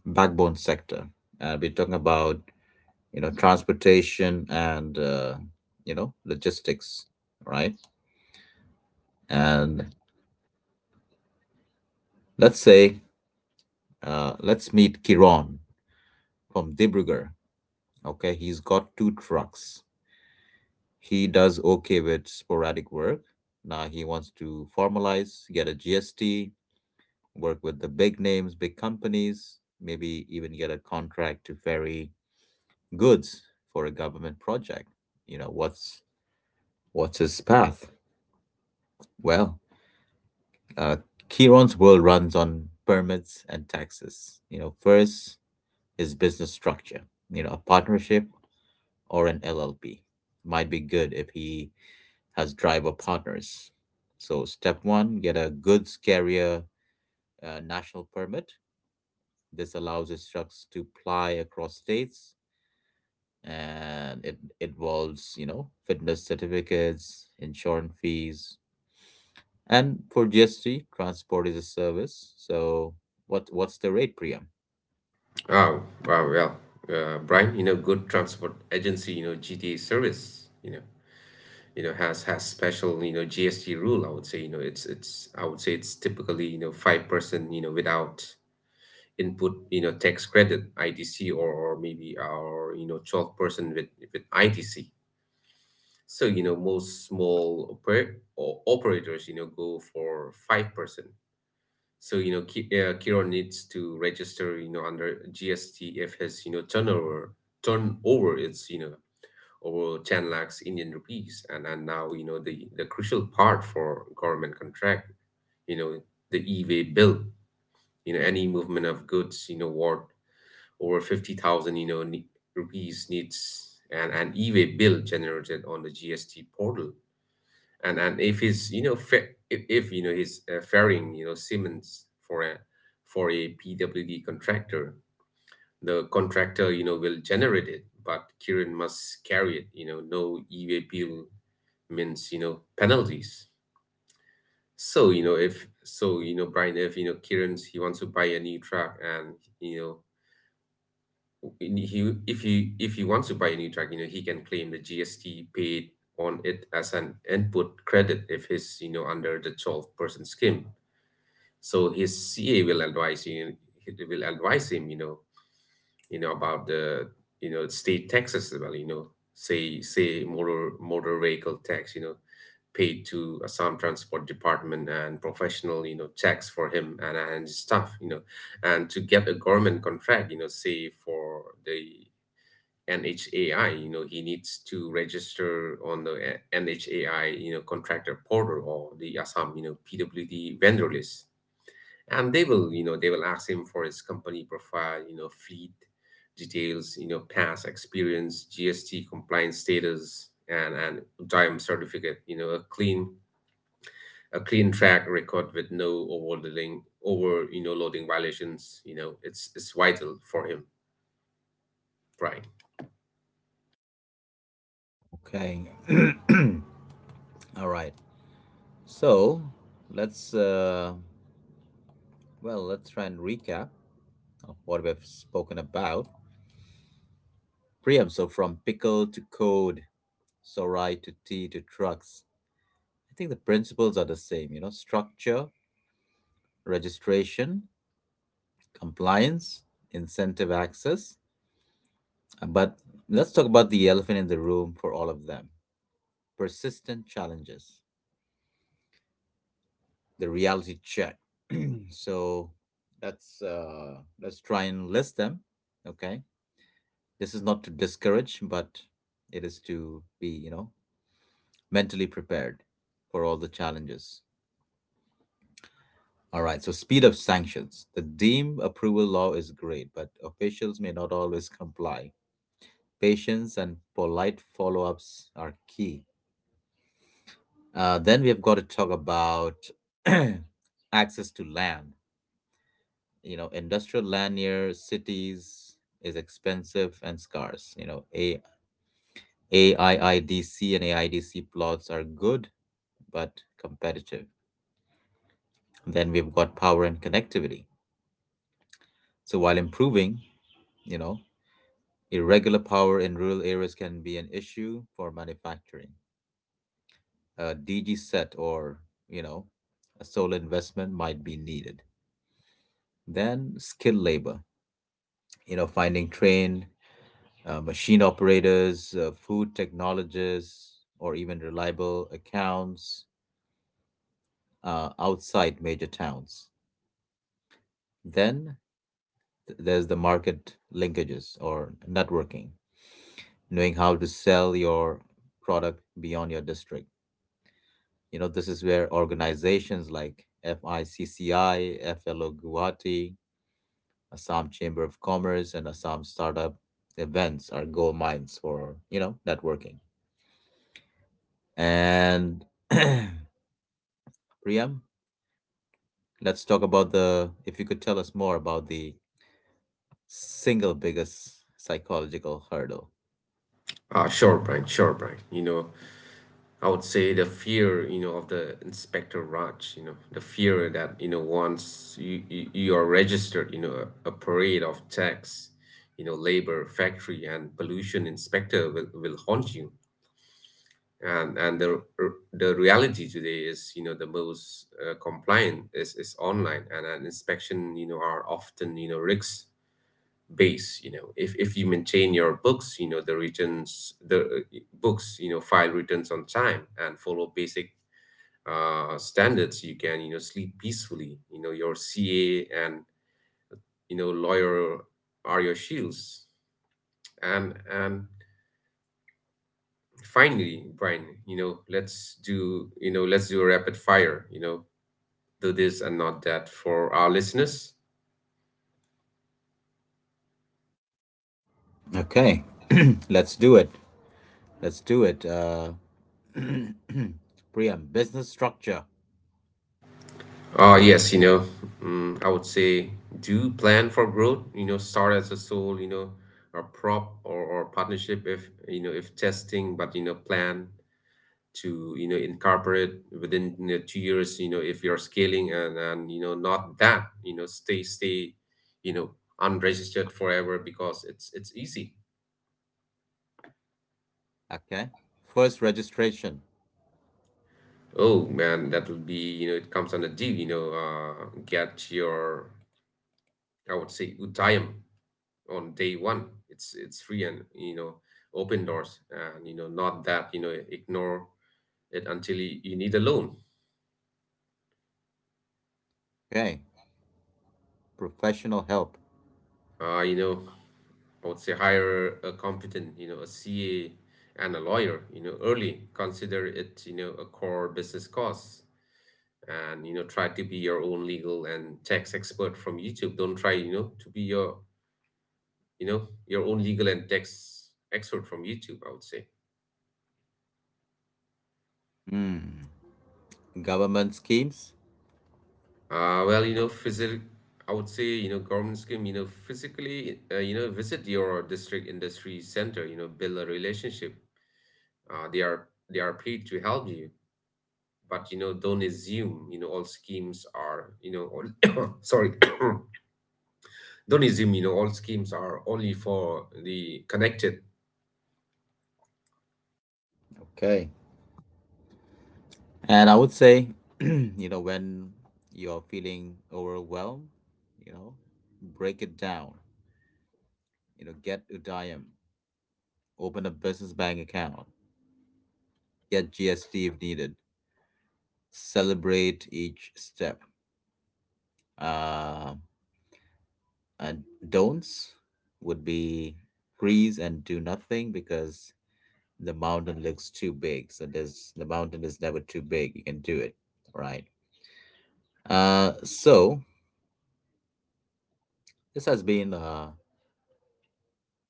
S1: backbone sector. Uh, we're talking about you know transportation and uh, you know logistics, right? And let's say, uh, let's meet Kiron from Dibrugarh. Okay, he's got two trucks. He does okay with sporadic work. Now he wants to formalize, get a GST, work with the big names, big companies, maybe even get a contract to ferry goods for a government project. You know, what's what's his path? Well, Uh, Kiron's world runs on permits and taxes. You know, first is business structure. You know, a partnership or an L L P might be good if he has driver partners. So, step one, get a goods carrier uh, national permit. This allows his trucks to ply across states, and it involves, you know, fitness certificates, insurance fees. And for G S T, transport is a service. So, what what's the rate, Priya?
S2: Oh, wow, well, uh, Brian, you know, good transport agency, you know, G T A service, you know, you know, has, has special, you know, G S T rule. I would say, you know, it's it's I would say it's typically, you know, five percent, you know, without input, you know, tax credit, I T C, or or maybe our, you know, twelve percent with with I T C. So, you know, most small oper or operators, you know, go for five percent. So, you know, Ki- uh, Kiron needs to register, you know, under G S T if his, you know, turnover turnover is, you know, over ten lakhs Indian rupees. And and now, you know, the the crucial part for government contract, you know, the e-way bill, you know, any movement of goods, you know, worth over fifty thousand, you know, ne- rupees, needs an, an e-way bill generated on the G S T portal. And and if he's, you know fa- if, if you know he's, uh, faring, you know Siemens, for a for a P W D contractor, the contractor, you know will generate it, but Kirin must carry it. You know, no E V bill means, you know penalties. So you know if so you know Brian, if, you know Kiran, he wants to buy a new truck, and, you know he if he if he wants to buy a new truck, you know he can claim the G S T paid on it as an input credit, if he's, you know under the twelve percent scheme. So his C A will advise you, he will advise him, you know you know about the, you know state taxes as well. You know say say Motor, motor vehicle tax, you know paid to Assam Transport Department, and professional, you know tax for him and and his staff. You know and to get a government contract, you know say for the N H A I, you know he needs to register on the N H A I, you know contractor portal, or the Assam, you know P W D vendor list, and they will, you know they will ask him for his company profile, you know fleet details, you know past experience, G S T compliance status, and and time certificate, you know a clean, a clean track record with no overloading, over you know loading violations. You know it's it's vital for him, Brian.
S1: Okay. [clears throat] All right. So let's uh, well let's try and recap of what we've spoken about. Priam. So from pickle to code, so right to tea to trucks. I think the principles are the same. You know, structure, registration, compliance, incentive access. Uh, But let's talk about the elephant in the room for all of them. Persistent challenges. The reality check. So let's uh, let's try and list them. Okay, this is not to discourage, but it is to be, you know, mentally prepared for all the challenges. All right. So speed of sanctions. The deem approval law is great, but officials may not always comply. Patience and polite follow-ups are key. Uh, then we have got to talk about [clears throat] access to land. You know, industrial land near cities is expensive and scarce. You know, a AIIDC and A I D C plots are good, but competitive. Then we've got power and connectivity. So while improving, you know, irregular power in rural areas can be an issue for manufacturing. A D G set or, you know, a solar investment might be needed. Then skilled labor, you know, finding trained uh, machine operators, uh, food technologists, or even reliable accounts uh, outside major towns. Then th- there's the market linkages or networking, knowing how to sell your product beyond your district. You know, this is where organizations like FICCI, FLO Guwahati, Assam Chamber of Commerce, and Assam Startup events are gold mines for, you know, networking. And [clears throat] Priyam, let's talk about the, if you could tell us more about the single biggest psychological hurdle.
S2: Ah, sure, Brian, sure, Brian, you know I would say the fear, you know, of the Inspector Raj, you know, the fear that, you know, once you, you, you are registered, you know, a, a parade of tax, you know, labor, factory, and pollution inspector will, will haunt you. And and the r- the reality today is, you know, the most, uh, compliant is, is online, and an inspection, you know, are often, you know, risks based. You know, if if you maintain your books, you know, the returns, the uh, books, you know, file returns on time, and follow basic, uh, standards, you can, you know sleep peacefully. You know your C A and, you know lawyer are your shields. And and finally, Brian, you know let's do you know let's do a rapid fire, you know do this and not that, for our listeners.
S1: Okay, [clears throat] let's do it. Let's do it. Uh, Priam, business structure.
S2: Uh yes, you know mm, I would say do plan for growth. You know start as a sole, you know or prop or, or partnership, if, you know if testing, but, you know plan to, you know incorporate within, you know, two years, you know if you're scaling, and and you know not that, you know stay, stay you know unregistered forever because it's, it's easy.
S1: Okay. First registration.
S2: Oh man, that will be, you know it comes on a deal. You know uh get your, I would say, Utayam on day one. It's, it's free, and, you know open doors. And, you know not that, you know ignore it until you, you need a loan.
S1: Okay. Professional help.
S2: uh you know I would say, hire a competent, you know, a C A and a lawyer, you know, early. Consider it, you know, a core business cost, and, you know, try to be your own legal and tax expert from YouTube. Don't try, you know, to be your, you know, your own legal and tax expert from YouTube, I would say.
S1: Mm. Government schemes.
S2: Uh, well, you know, physic I would say, you know, government scheme, you know, physically, uh, you know, visit your district industry center, you know, build a relationship. Uh, they are, they are paid to help you, but, you know don't assume, you know all schemes are, you know all, [coughs] sorry [coughs] don't assume, you know all schemes are only for the connected.
S1: Okay. And I would say, [clears throat] you know, when you're feeling overwhelmed, you know, break it down. You know, get Udayam, open a business bank account, get G S T if needed. Celebrate each step. Uh, and don'ts would be freeze and do nothing because the mountain looks too big. So there's the mountain is never too big. You can do it, right? Uh, so this has been, uh,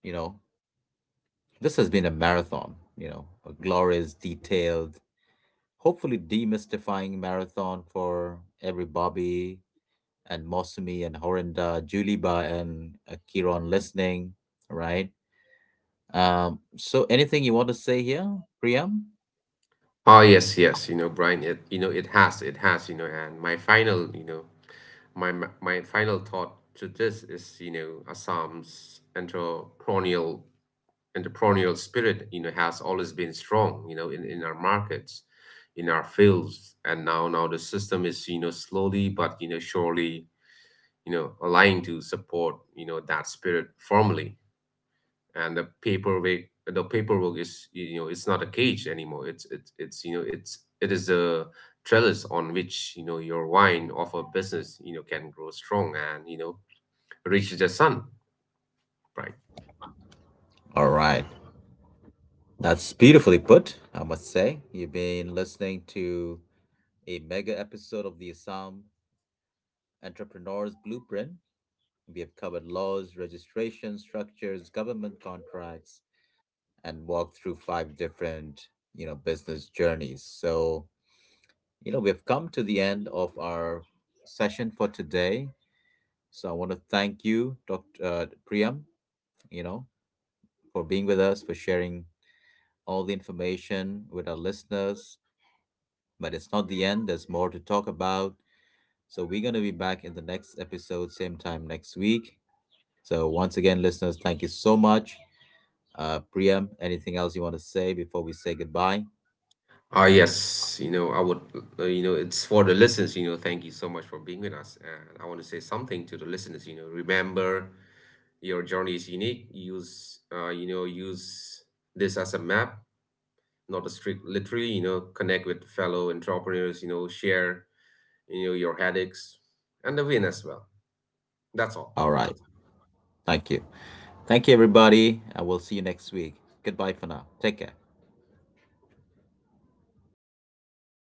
S1: you know, this has been a marathon. You know, a glorious, detailed, hopefully demystifying marathon for every Bobby and Mosumi and Horinda, Juliba, and uh, Kiron listening, right? Um, so anything you want to say here, Priyam?
S2: Oh yes, yes, you know, Brian, it, you know it has, it has, you know, and my final, you know, my my my final thought to this is, you know, Assam's entrepreneurial entrepreneurial spirit, you know, has always been strong, you know, in, in our markets, in our fields. And now now the system is, you know, slowly but, you know, surely, you know, aligned to support, you know, that spirit formally. And the paperwork the paperwork is, you know it's not a cage anymore. It's it's it's you know it's It is a trellis on which, you know your wine of a business, you know can grow strong, and, you know reach the sun, right?
S1: All right. That's beautifully put, I must say. You've been listening to a mega episode of the Assam Entrepreneur's Blueprint. We have covered laws, registration structures, government contracts, and walked through five different, you know, business journeys. So, you know, we have come to the end of our session for today. So I want to thank you, doctor Uh, Priyam, you know, for being with us, for sharing all the information with our listeners. But it's not the end, there's more to talk about. So we're going to be back in the next episode, same time next week. So once again, listeners, thank you so much. Uh, Priyam, anything else you want to say before we say goodbye?
S2: Ah, yes, you know, I would, uh, you know, it's for the listeners, you know, thank you so much for being with us. And I want to say something to the listeners, you know, remember, your journey is unique. Use, uh, you know, use this as a map, not a strict literally. You know, connect with fellow entrepreneurs, you know, share, you know, your headaches and the win as well. That's all,
S1: All
S2: right?
S1: right. Thank you. Thank you, everybody. I will see you next week. Goodbye for now. Take care.